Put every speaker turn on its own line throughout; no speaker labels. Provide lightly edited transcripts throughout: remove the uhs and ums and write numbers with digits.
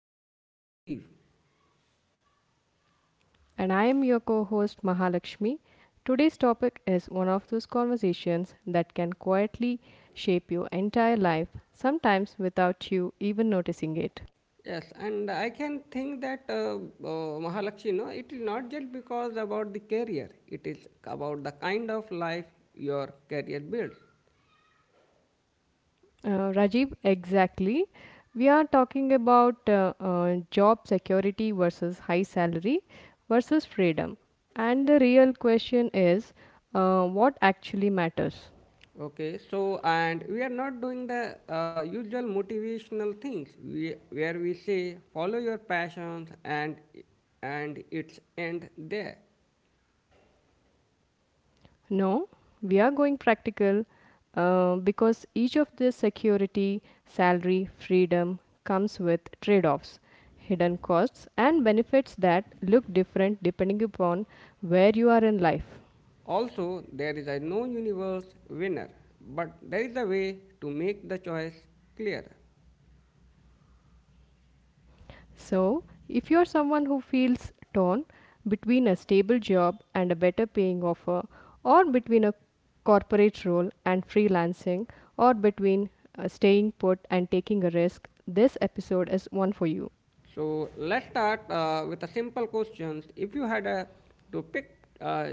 host Rajiv.
And I am your co host Mahalakshmi. Today's topic is one of those conversations that can quietly shape your entire life, sometimes without you even noticing it.
Yes, and I can think that Mahalakshmi, no, it is not just because about the career. It is about the kind of life your career builds.
Rajiv, exactly. We are talking about job security versus high salary versus freedom. And the real question is, what actually matters?
Okay, so and we are not doing the usual motivational things. We where we say follow your passions and its end there.
No, we are going practical because each of the security, salary, freedom comes with trade offs, hidden costs, and benefits that look different depending upon where you are in life.
Also, there is a no universe winner, but there is a way to make the choice clearer.
So, if you are someone who feels torn between a stable job and a better paying offer, or between a corporate role and freelancing, or between staying put and taking a risk, this episode is one for you.
So, let's start with a simple question: if you had to pick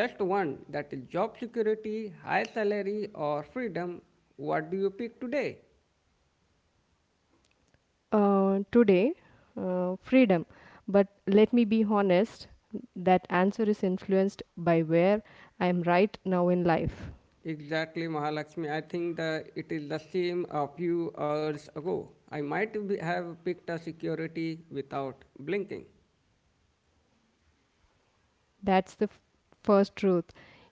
just one, that is job security, high salary, or freedom, what do you pick today?
Today, freedom. But let me be honest, that answer is influenced by where I am right now in life.
Exactly, Mahalakshmi. I think that it is the same a few hours ago. I might be, have picked a security without blinking.
That's the f- First truth.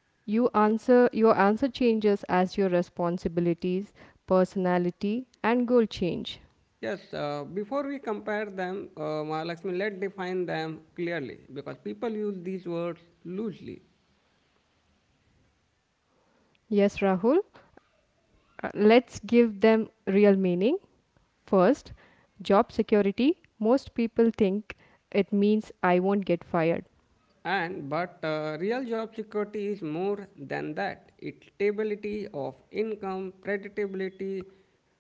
Your answer changes as your responsibilities, personality, and goal change.
Yes, before we compare them, Mahalakshmi, let define them clearly because people use these words loosely.
Yes, Rahul. Let's give them real meaning. First, job security. Most people think it means I won't get fired.
And but real job security is more than that. It's stability of income, predictability,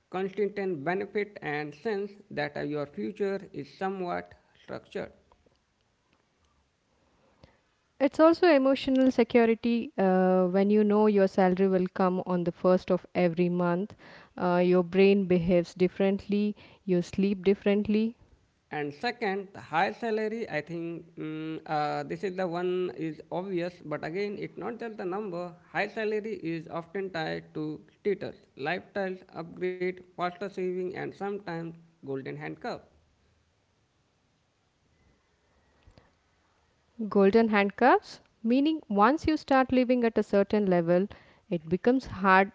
consistent benefit, and sense that your future is somewhat structured.
It's also emotional security when you know your salary will come on the first of every month. Your brain behaves differently, you sleep differently.
And second, the high salary, I think this is the one is obvious, but again it's not just the number. High salary is often tied to status, lifestyles upgrade, faster saving, and sometimes golden handcuff.
Golden handcuffs, meaning once you start living at a certain level, it becomes hard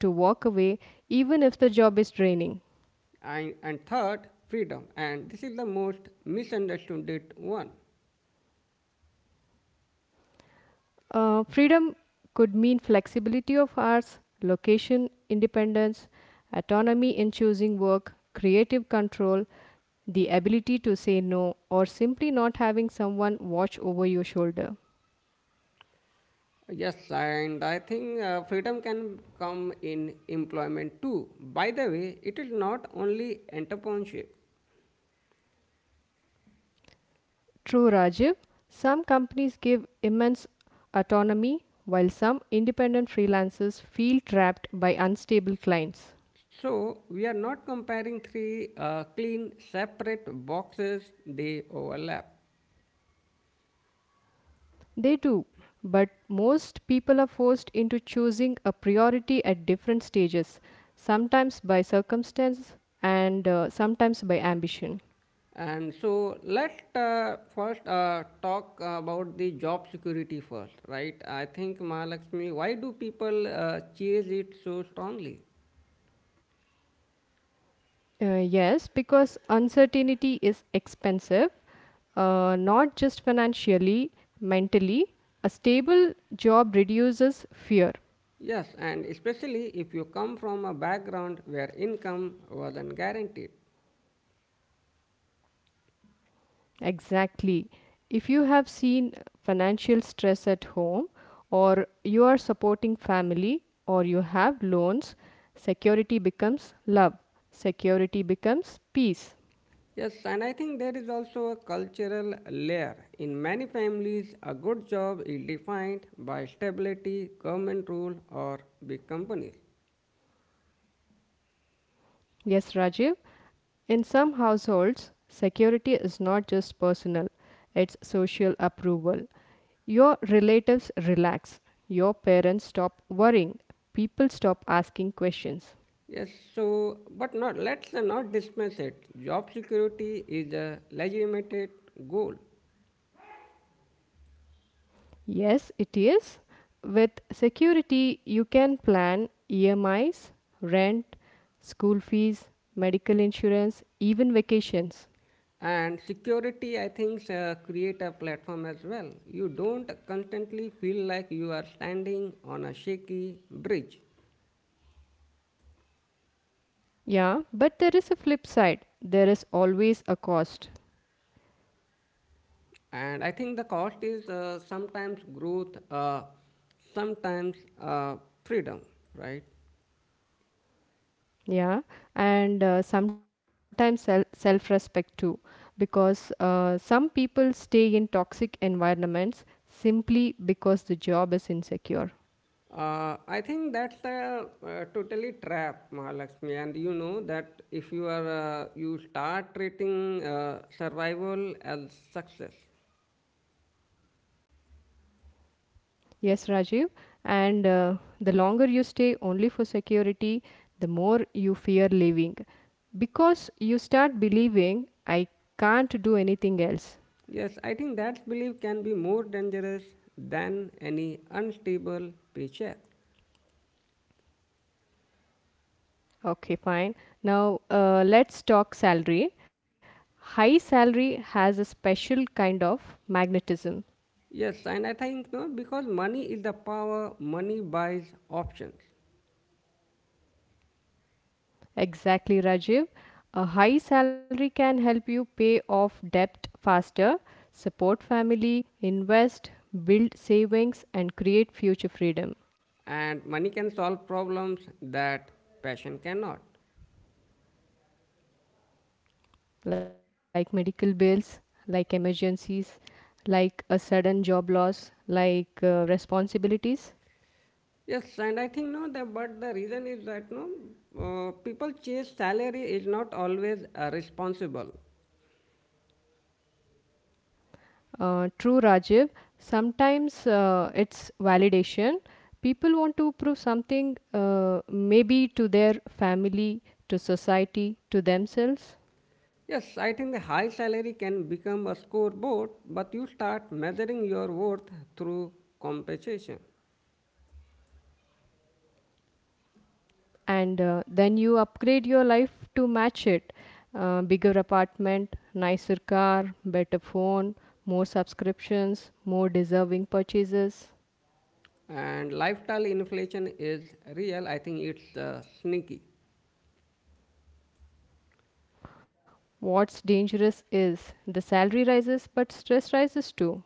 to walk away even if the job is draining.
And third, freedom, and this is the most misunderstood one.
Freedom could mean flexibility of hours, location independence, autonomy in choosing work, creative control, the ability to say no, or simply not having someone watch over your shoulder.
Yes, and I think freedom can come in employment too. By the way, it is not only entrepreneurship.
True, Rajiv, some companies give immense autonomy while some independent freelancers feel trapped by unstable clients.
So we are not comparing three clean separate boxes, they overlap.
They do, but most people are forced into choosing a priority at different stages, sometimes by circumstance and sometimes by ambition.
And so let's first talk about the job security first, right? I think, Mahalakshmi, why do people chase it so strongly?
Yes, because uncertainty is expensive, not just financially, mentally. A stable job reduces fear.
Yes, and especially if you come from a background where income wasn't guaranteed.
Exactly. If you have seen financial stress at home, or you are supporting family, or you have loans, security becomes love, security becomes peace.
Yes, and I think there is also a cultural layer. In many families, a good job is defined by stability, government rule, or big companies.
Yes, Rajiv, in some households, security is not just personal, it's social approval. Your relatives relax, your parents stop worrying, people stop asking questions.
Yes, so but not let's not dismiss it. Job security is a legitimate goal,
Yes, it is. With security, you can plan EMIs, rent, school fees, medical insurance, even vacations.
and security, I think, create a platform as well. You don't constantly feel like you are standing on a shaky bridge.
Yeah, but there is a flip side. There is always a cost.
And I think the cost is sometimes growth, sometimes uh, freedom, right?
Yeah, and sometimes self respect too, because some people stay in toxic environments simply because the job is insecure.
I think that's a, totally trap, Mahalakshmi. And you know that if you are you start treating survival as success,
Yes, Rajiv. And the longer you stay only for security, the more you fear leaving because you start believing I can't do anything else.
yes, I think that belief can be more dangerous than any unstable paycheck.
Okay, fine. Now let's talk salary. High salary has a special kind of magnetism.
Yes, and I think no, because money is the power. Money buys options,
Exactly, Rajiv. A high salary can help you pay off debt faster, support family, invest, build savings, and create future freedom.
and money can solve problems that passion cannot.
Like medical bills, like emergencies, like a sudden job loss, like responsibilities.
Yes and i think no that but the reason is that no people chase salary is not always responsible.
True, Rajiv. Sometimes it's validation. People want to prove something, maybe to their family, to society, to themselves,
Yes, I think the high salary can become a scoreboard, but you start measuring your worth through compensation.
and then you upgrade your life to match it. Bigger apartment, nicer car, better phone, more subscriptions, more deserving purchases.
And lifestyle inflation is real, I think it's sneaky.
What's dangerous is the salary rises, but stress rises too.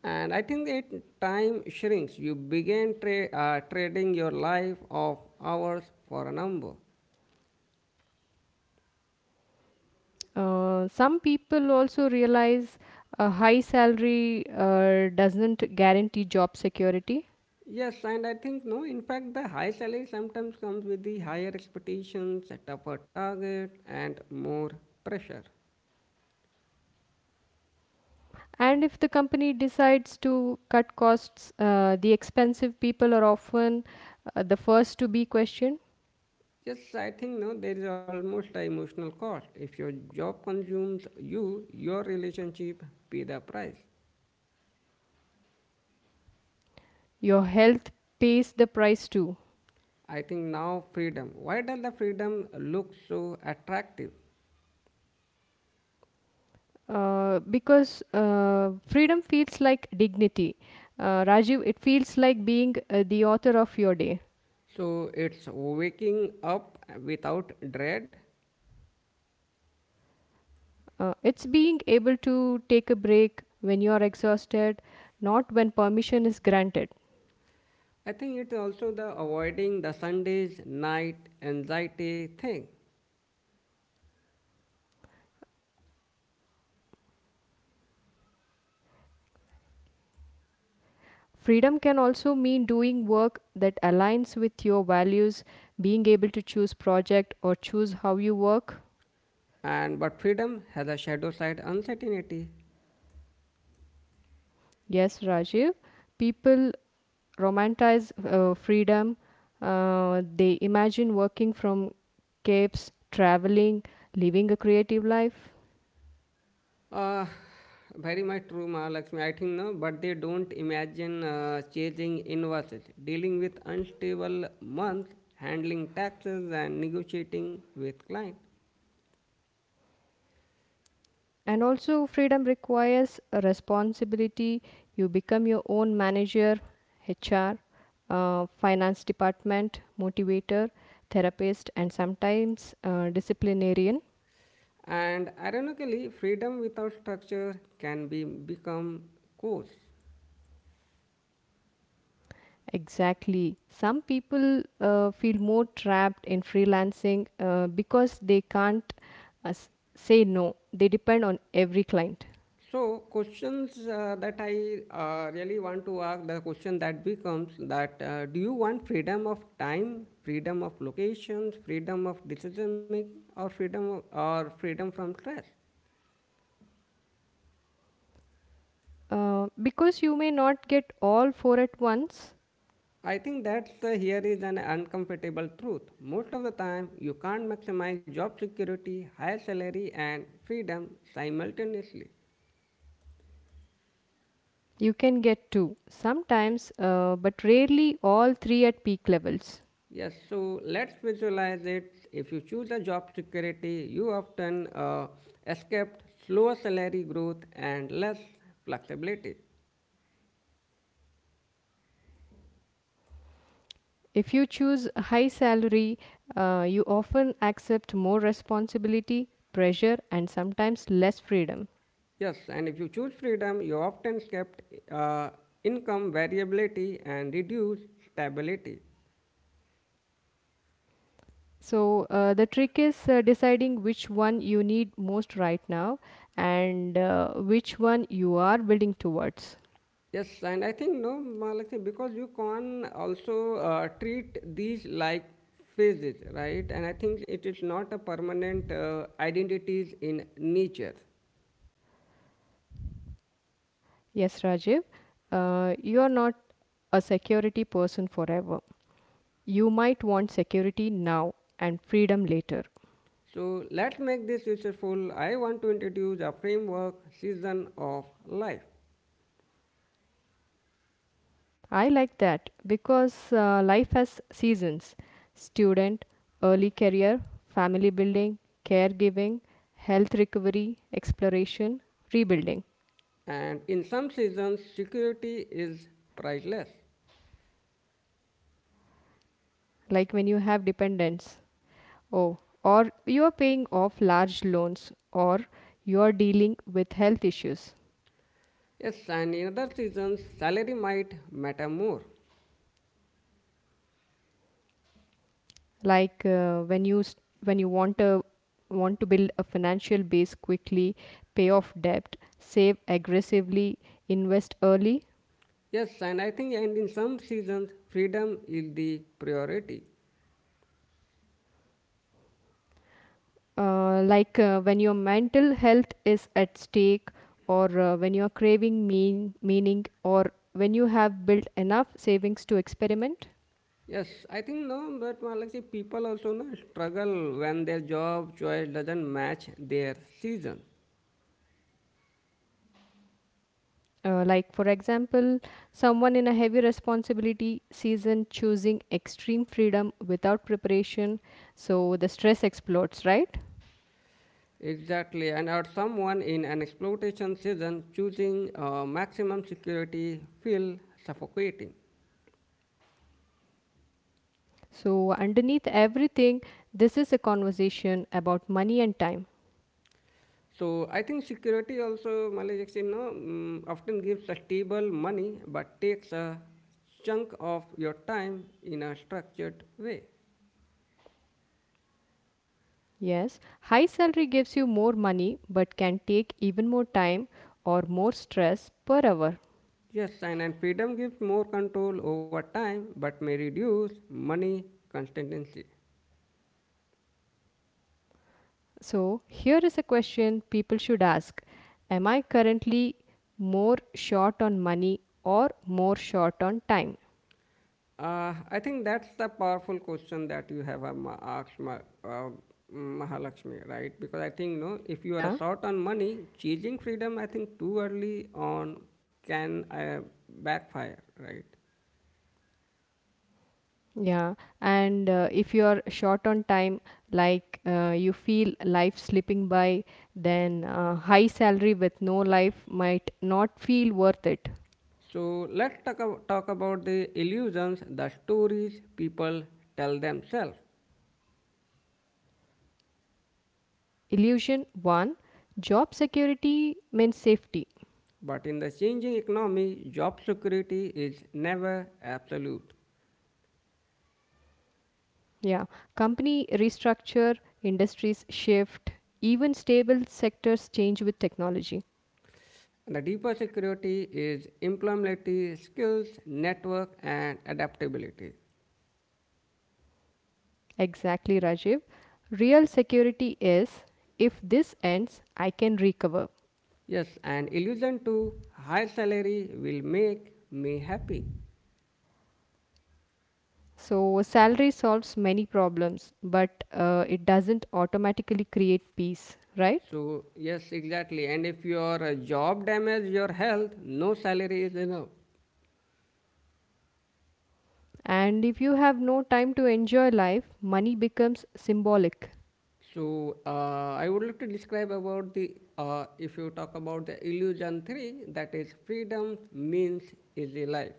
And I think that time shrinks. You begin trading your life of hours for a number.
Some people also realize a high salary doesn't guarantee job security.
Yes, and I think no. In fact, the high salary sometimes comes with the higher expectations, a tougher target, and more pressure.
And if the company decides to cut costs, the expensive people are often the first to be questioned.
Yes, I think no. There is almost an emotional cost. If your job consumes you, your relationship pay the price.
Your health pays the price too.
I think now freedom. Why does the freedom look so attractive?
Because freedom feels like dignity. Rajiv, it feels like being the author of your day.
So it's waking up without dread.
It's being able to take a break when you are exhausted, not when permission is granted.
I think it's also the avoiding the Sundays night anxiety thing.
Freedom can also mean doing work that aligns with your values, being able to choose project or choose how you work.
And but freedom has a shadow side uncertainty.
Yes, Rajiv. People romanticize freedom. They imagine working from caves, traveling, living a creative life.
Uh, Very much true, Mahalakshmi. I think no, but they don't imagine chasing invoices, dealing with unstable months, handling taxes, and negotiating with client.
And also, freedom requires a responsibility. You become your own manager, HR, finance department, motivator, therapist, and sometimes disciplinarian.
And ironically, freedom without structure can be become coarse.
Exactly. Some people feel more trapped in freelancing because they can't uh, s- say no. They depend on every client.
So questions that I really want to ask, the question that becomes that do you want freedom of time, freedom of locations, freedom of decision making, or freedom of, or freedom from stress?
Because you may not get all four at once,
I think that the here is an uncomfortable truth. Most of the time, you can't maximize job security, high salary, and freedom simultaneously.
you can get 2 sometimes, but rarely all 3 at peak levels.
Yes, so let's visualize it. If you choose a job security, you often escaped slower salary growth and less flexibility.
If you choose a high salary, you often accept more responsibility, pressure, and sometimes less freedom.
Yes, and if you choose freedom, you often escaped uh, income variability and reduce stability.
So, the trick is deciding which one you need most right now and which one you are building towards.
Yes, and I think no, Malakshi, because you can also treat these like phases, right? And I think it is not a permanent identities in nature.
Yes, Rajiv, you are not a security person forever. You might want security now and freedom later.
So let's make this useful. I want to introduce a framework season of life.
I like that because life has seasons: student, early career, family building, caregiving, health recovery, exploration, rebuilding.
And in some seasons, security is priceless.
Like when you have dependents, oh, or you are paying off large loans, or you are dealing with health issues.
Yes, and in other seasons, salary might matter more.
Like when you want to build a financial base quickly, pay off debt, save aggressively, invest early,
Yes, and I think, and in some seasons, freedom is the priority.
like when your mental health is at stake or when you're craving meaning, or when you have built enough savings to experiment.
Yes, I think no, but well, like people also no struggle when their job choice doesn't match their season.
Like for example, someone in a heavy responsibility season choosing extreme freedom without preparation, so the stress explodes, right?
Exactly, and or someone in an exploitation season choosing maximum security feel suffocating.
So underneath everything, this is a conversation about money and time.
So I think security also Malaysia, you know, often gives a stable money but takes a chunk of your time in a structured way.
Yes, high salary gives you more money but can take even more time or more stress per hour.
Yes, and freedom gives more control over time but may reduce money consistency.
So, here is a question people should ask: am I currently more short on money or more short on time?
I think that's the powerful question that you have asked, Mahalakshmi, right? Because I think, no, if you are
Yeah,
short on money, chasing freedom, I think too early on can backfire, right?
yeah. And if you are short on time, like you feel life slipping by, then high salary with no life might not feel worth it.
So let's talk, talk about the illusions, the stories people tell themselves.
Illusion one: job security means safety.
But in the changing economy, job security is never absolute.
Yeah, company restructure, industries shift, even stable sectors change with technology.
The deeper security is employability, skills, network, and adaptability.
Exactly, Rajiv. Real security is, if this ends I can recover.
Yes, an illusion to high salary will make me happy.
So salary solves many problems, but it doesn't automatically create peace, right?
So, yes, exactly. And if your job damages your health, no salary is enough.
And if you have no time to enjoy life, money becomes symbolic.
So, I would like to describe about the, if you talk about the illusion three, that is freedom means easy life.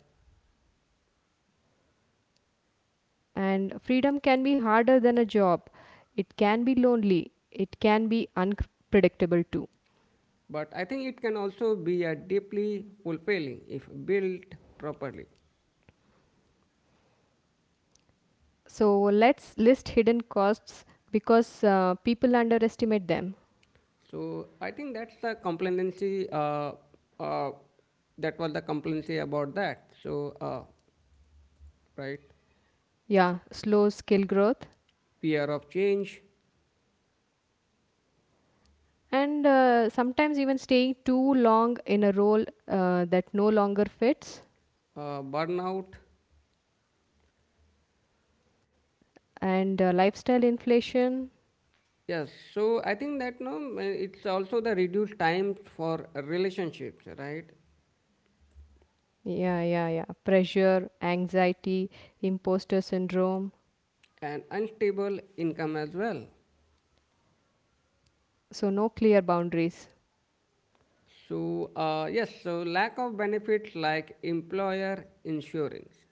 And freedom can be harder than a job. It can be lonely. It can be unpredictable too.
But I think it can also be a deeply fulfilling if built properly.
So let's list hidden costs, because people underestimate them.
So I think that's the complacency. Uh, that was the complacency about that. Right,
Yeah, slow skill growth.
Fear of change,
And sometimes even staying too long in a role that no longer fits.
burnout.
And lifestyle inflation.
Yes. So I think that no, it's also the reduced time for relationships, right,
Yeah, yeah, yeah. Pressure, anxiety, imposter syndrome.
and unstable income as well.
So no clear boundaries.
So, yes, so lack of benefits like employer insurance.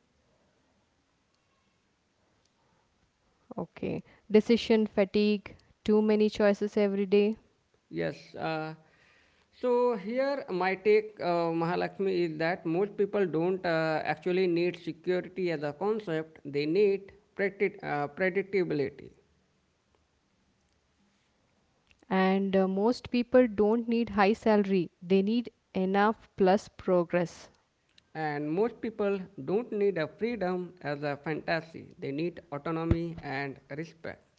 Okay. Decision fatigue, too many choices every day,
Yes. So here my take, Mahalakshmi, is that most people don't actually need security as a concept. They need predictability.
and most people don't need high salary. They need enough plus progress.
And most people don't need a freedom as a fantasy. They need autonomy and respect.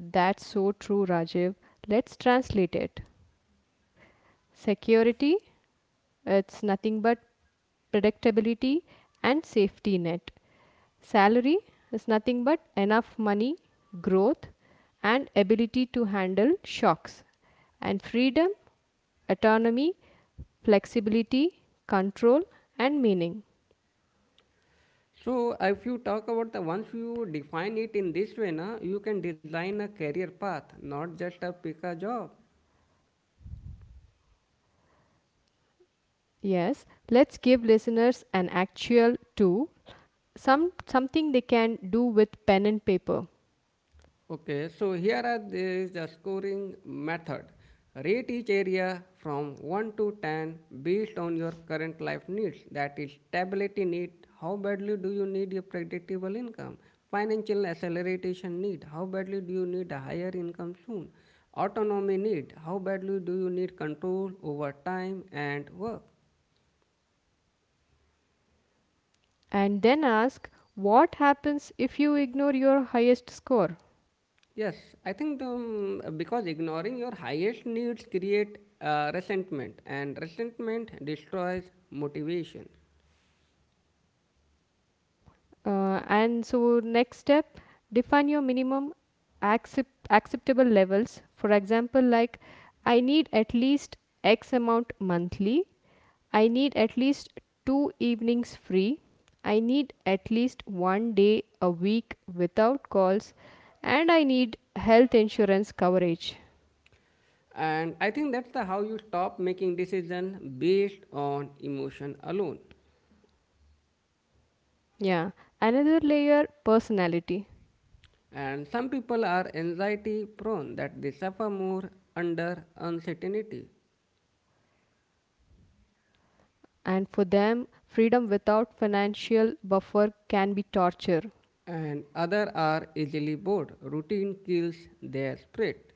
That's so true, Rajiv. Let's translate it. Security, it's nothing but predictability and safety net. Salary is nothing but enough money, growth, and ability to handle shocks, and freedom, autonomy, flexibility, control, and meaning.
So if you talk about the once you define it in this way, na, you can design a career path, not just a pick a job.
Yes, let's give listeners an actual tool, something they can do with pen and paper,
Okay, so here are the scoring method. Rate each area from 1 to 10 based on your current life needs. That is, stability need. How badly do you need a predictable income? Financial acceleration need. How badly do you need a higher income soon? Autonomy need. How badly do you need control over time and work?
and then ask what happens if you ignore your highest score.
Yes, I think because ignoring your highest needs create resentment, and resentment destroys motivation.
And so next step, define your minimum acceptable levels. For example, like I need at least x amount monthly, I need at least 2 evenings free, I need at least 1 day a week without calls, and I need health insurance coverage.
And I think that's the how you stop making decision based on emotion alone.
Yeah, another layer: personality.
And some people are anxiety prone that they suffer more under uncertainty,
And for them, freedom without financial buffer can be torture.
and other are easily bored. Routine kills their spirit.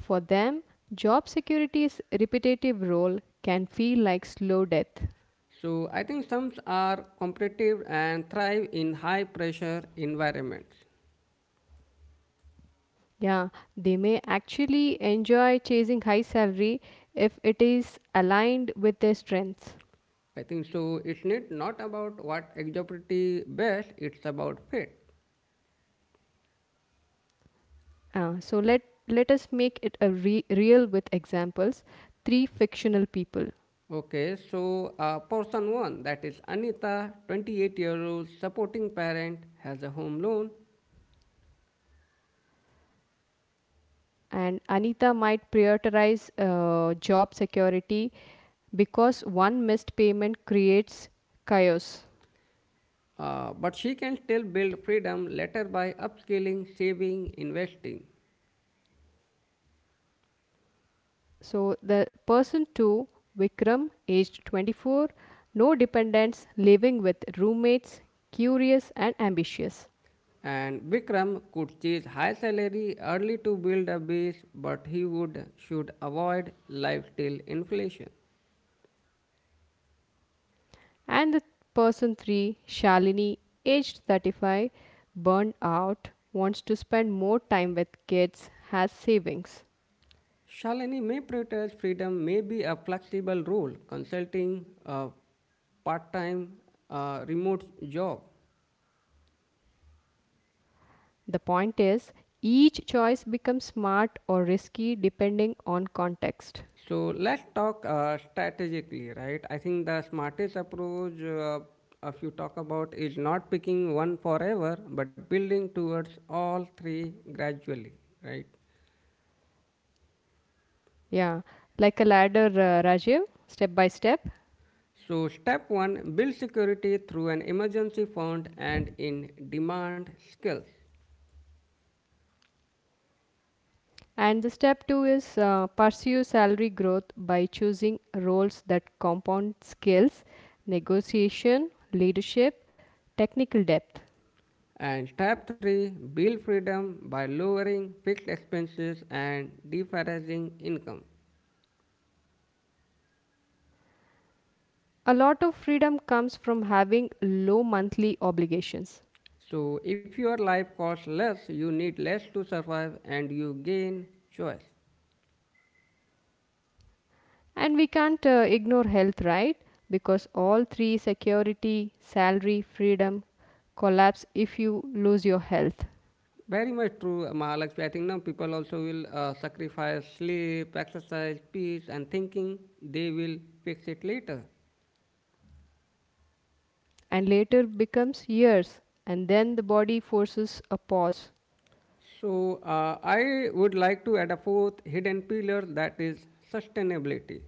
For them, job security's repetitive role can feel like slow death.
So I think sums are competitive and thrive in high pressure environments.
Yeah, they may actually enjoy chasing high salary if it is aligned with their strengths.
I think so. It's not not about what exocrity best, it's about fit.
Uh, so let Let us make it a real with examples. Three fictional people,
Okay, so person one, that is Anita, 28 year old, supporting parent, has a home loan,
and Anita might prioritize job security because one missed payment creates chaos.
but she can still build freedom later by upskilling, saving, investing.
So the person 2, Vikram, aged 24, no dependents, living with roommates, curious and ambitious.
And Vikram could chase high salary early to build a base, but he would should avoid life till inflation.
And the person 3, Shalini, aged 35, burned out, wants to spend more time with kids, has savings.
Shalini may prioritize freedom, may be a flexible role, consulting a part-time remote job.
The point is, each choice becomes smart or risky depending on context.
So let's talk strategically, right? I think the smartest approach, if you talk about, is not picking one forever, but building towards all three gradually, right?
Yeah, like a ladder, Rajiv, step by step.
So, step one build security through an emergency fund and in demand skills.
And the step two is, pursue salary growth by choosing roles that compound skills, negotiation, leadership, technical depth.
And step three build freedom by lowering fixed expenses and deferring income.
A lot of freedom comes from having low monthly obligations.
So, if your life costs less, you need less to survive and you gain choice.
And we can't ignore health, right? Because all three, security, salary, freedom, collapse if you lose your health.
Very much true, Mahalakshmi. I think now people also will sacrifice sleep, exercise, peace, and thinking they will fix it later.
And later becomes years, and then the body forces a pause.
So, I would like to add a fourth hidden pillar that is sustainability.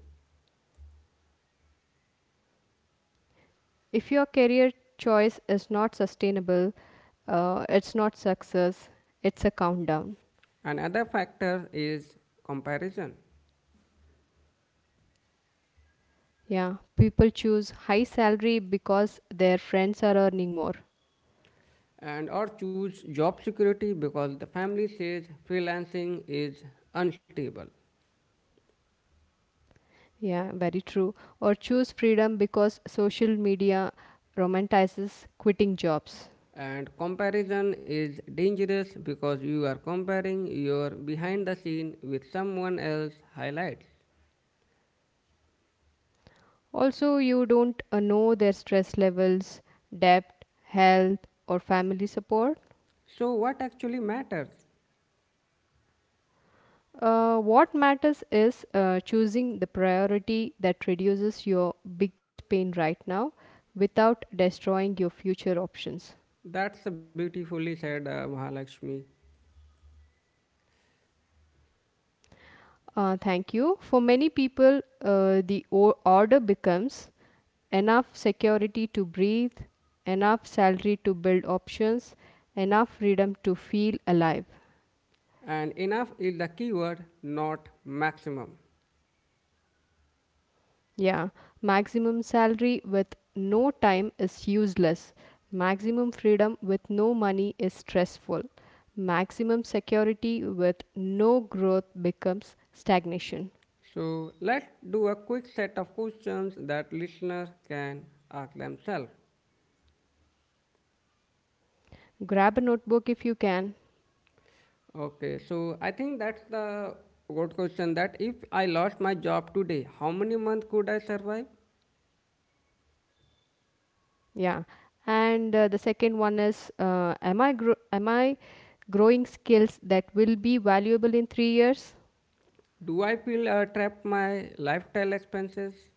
If your career choice is not sustainable, it's not success, it's a countdown.
Another factor is comparison.
Yeah, people choose high salary because their friends are earning more.
And or choose job security because the family says freelancing is unstable.
Yeah, very true. Or choose freedom because social media romanticizes quitting jobs.
And comparison is dangerous because you are comparing your behind the scene with someone else highlights.
Also, you don't know their stress levels, debt, health, or family support.
So, what actually matters?
What matters is choosing the priority that reduces your biggest pain right now without destroying your future options.
That's beautifully said, Mahalakshmi.
Thank you. For many people, order becomes enough security to breathe, enough salary to build options, enough freedom to feel alive.
And enough is the keyword, not maximum.
Yeah, maximum salary with no time is useless. Maximum freedom with no money is stressful. Maximum security with no growth becomes stagnation.
So let's do a quick set of questions that listeners can ask themselves.
Grab a notebook if you can.
Okay, so I think that's the good question that if I lost my job today, how many months could I survive?
Yeah. And the second one is, am I growing skills that will be valuable in 3 years?
Do I feel trapped my lifestyle expenses?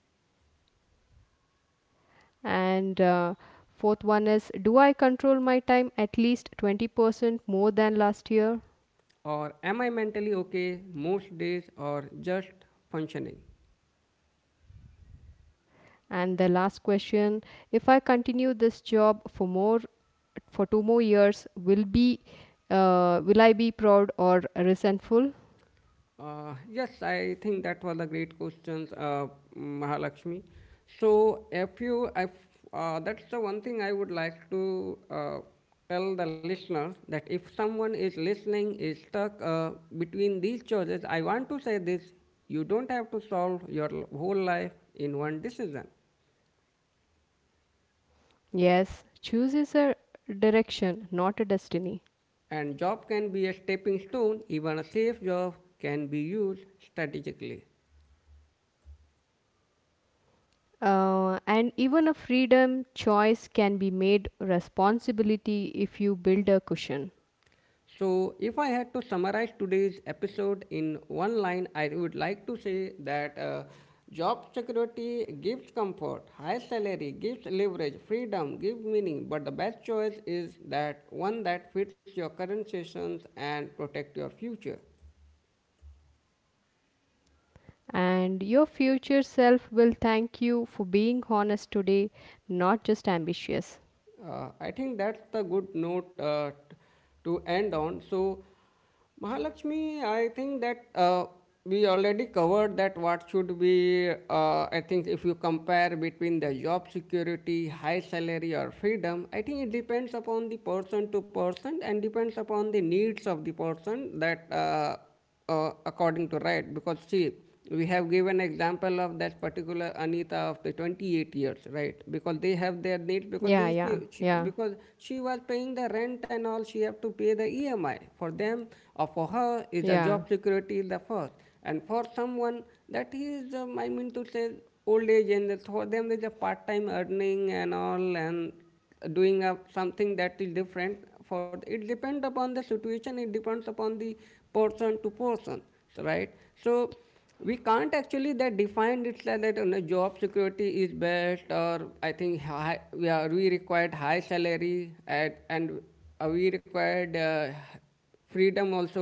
And fourth one is, do I control my time at least 20% more than last year?
Or am I mentally okay most days or just functioning?
And the last question, if I continue this job for more for two more years, will I be proud or resentful?
Yes, I think that was a great question, Mahalakshmi. So, if you, if, that's the one thing I would like to tell the listeners that if someone is listening, is stuck between these choices, I want to say this, you don't have to solve your whole life in one decision.
Yes, choose is a direction, not a destiny.
And job can be a stepping stone, even a safe job can be used strategically.
And even a freedom choice can be made responsibility if you build a cushion.
So, if I had to summarize today's episode in one line, I would like to say that job security gives comfort, high salary gives leverage, freedom gives meaning, but the best choice is that one that fits your current seasons and protect your future.
And your future self will thank you for being honest today, not just ambitious.
I think that's the good note to end on. So, Mahalakshmi, I think that we already covered that what should be, I think, if you compare between the job security, high salary, or freedom, I think it depends upon the person to person and depends upon the needs of the person that. According to, right, because see we have given example of that particular Anita of the 28 years, right, because they have their need because
Yeah,
she,
yeah,
because
yeah,
she was paying the rent and all she have to pay the EMI for them, or for her is a job
yeah.
security is the first. And for someone that is, I mean to say, old age, and for them there's a part-time earning and all and doing a, something that is different, for the, it depends upon the situation, it depends upon the person to person. So, right, so we can't actually that define it like that, you know, job security is best, or I think high, we are we required high salary at, and we required freedom also,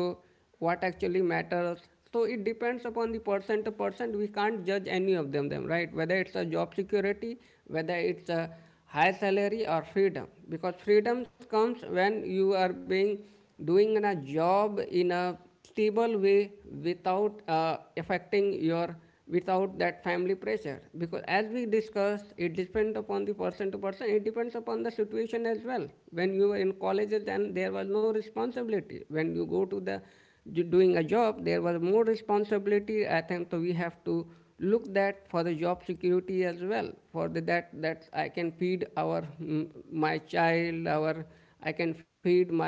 what actually matters. So it depends upon the person to person, we can't judge any of them, right, whether it's a job security, whether it's a high salary or freedom, because freedom comes when you are being doing a job in a stable way without affecting your, without that family pressure, because as we discussed it depends upon the person to person, it depends upon the situation as well. When you were in colleges then there was no responsibility, when you go to the doing a job there was more responsibility, I think so we have to look that for the job security as well, for the that that I can feed our, my child, our, I can feed my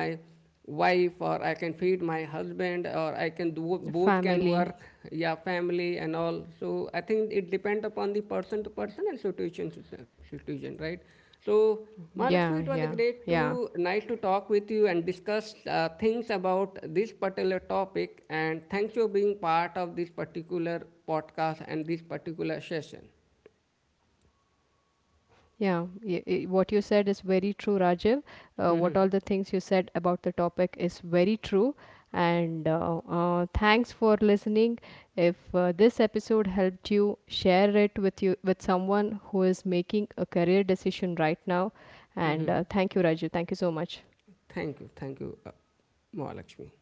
wife or I can feed my husband or I can do both can
Family.
work. Yeah, family and all, so I think it depends upon the person to person and situation to situation, right. So, Mahalakshmi,
Yeah,
it was a
yeah,
great
yeah,
to nice to talk with you and discuss things about this particular topic. And thanks for being part of this particular podcast and this particular session.
yeah. What you said is very true, Rajiv. What all the things you said about the topic is very true. And thanks for listening. If this episode helped you, share it with you with someone who is making a career decision right now. And thank you, Rajiv. Thank you so much.
Thank you, Mahalakshmi.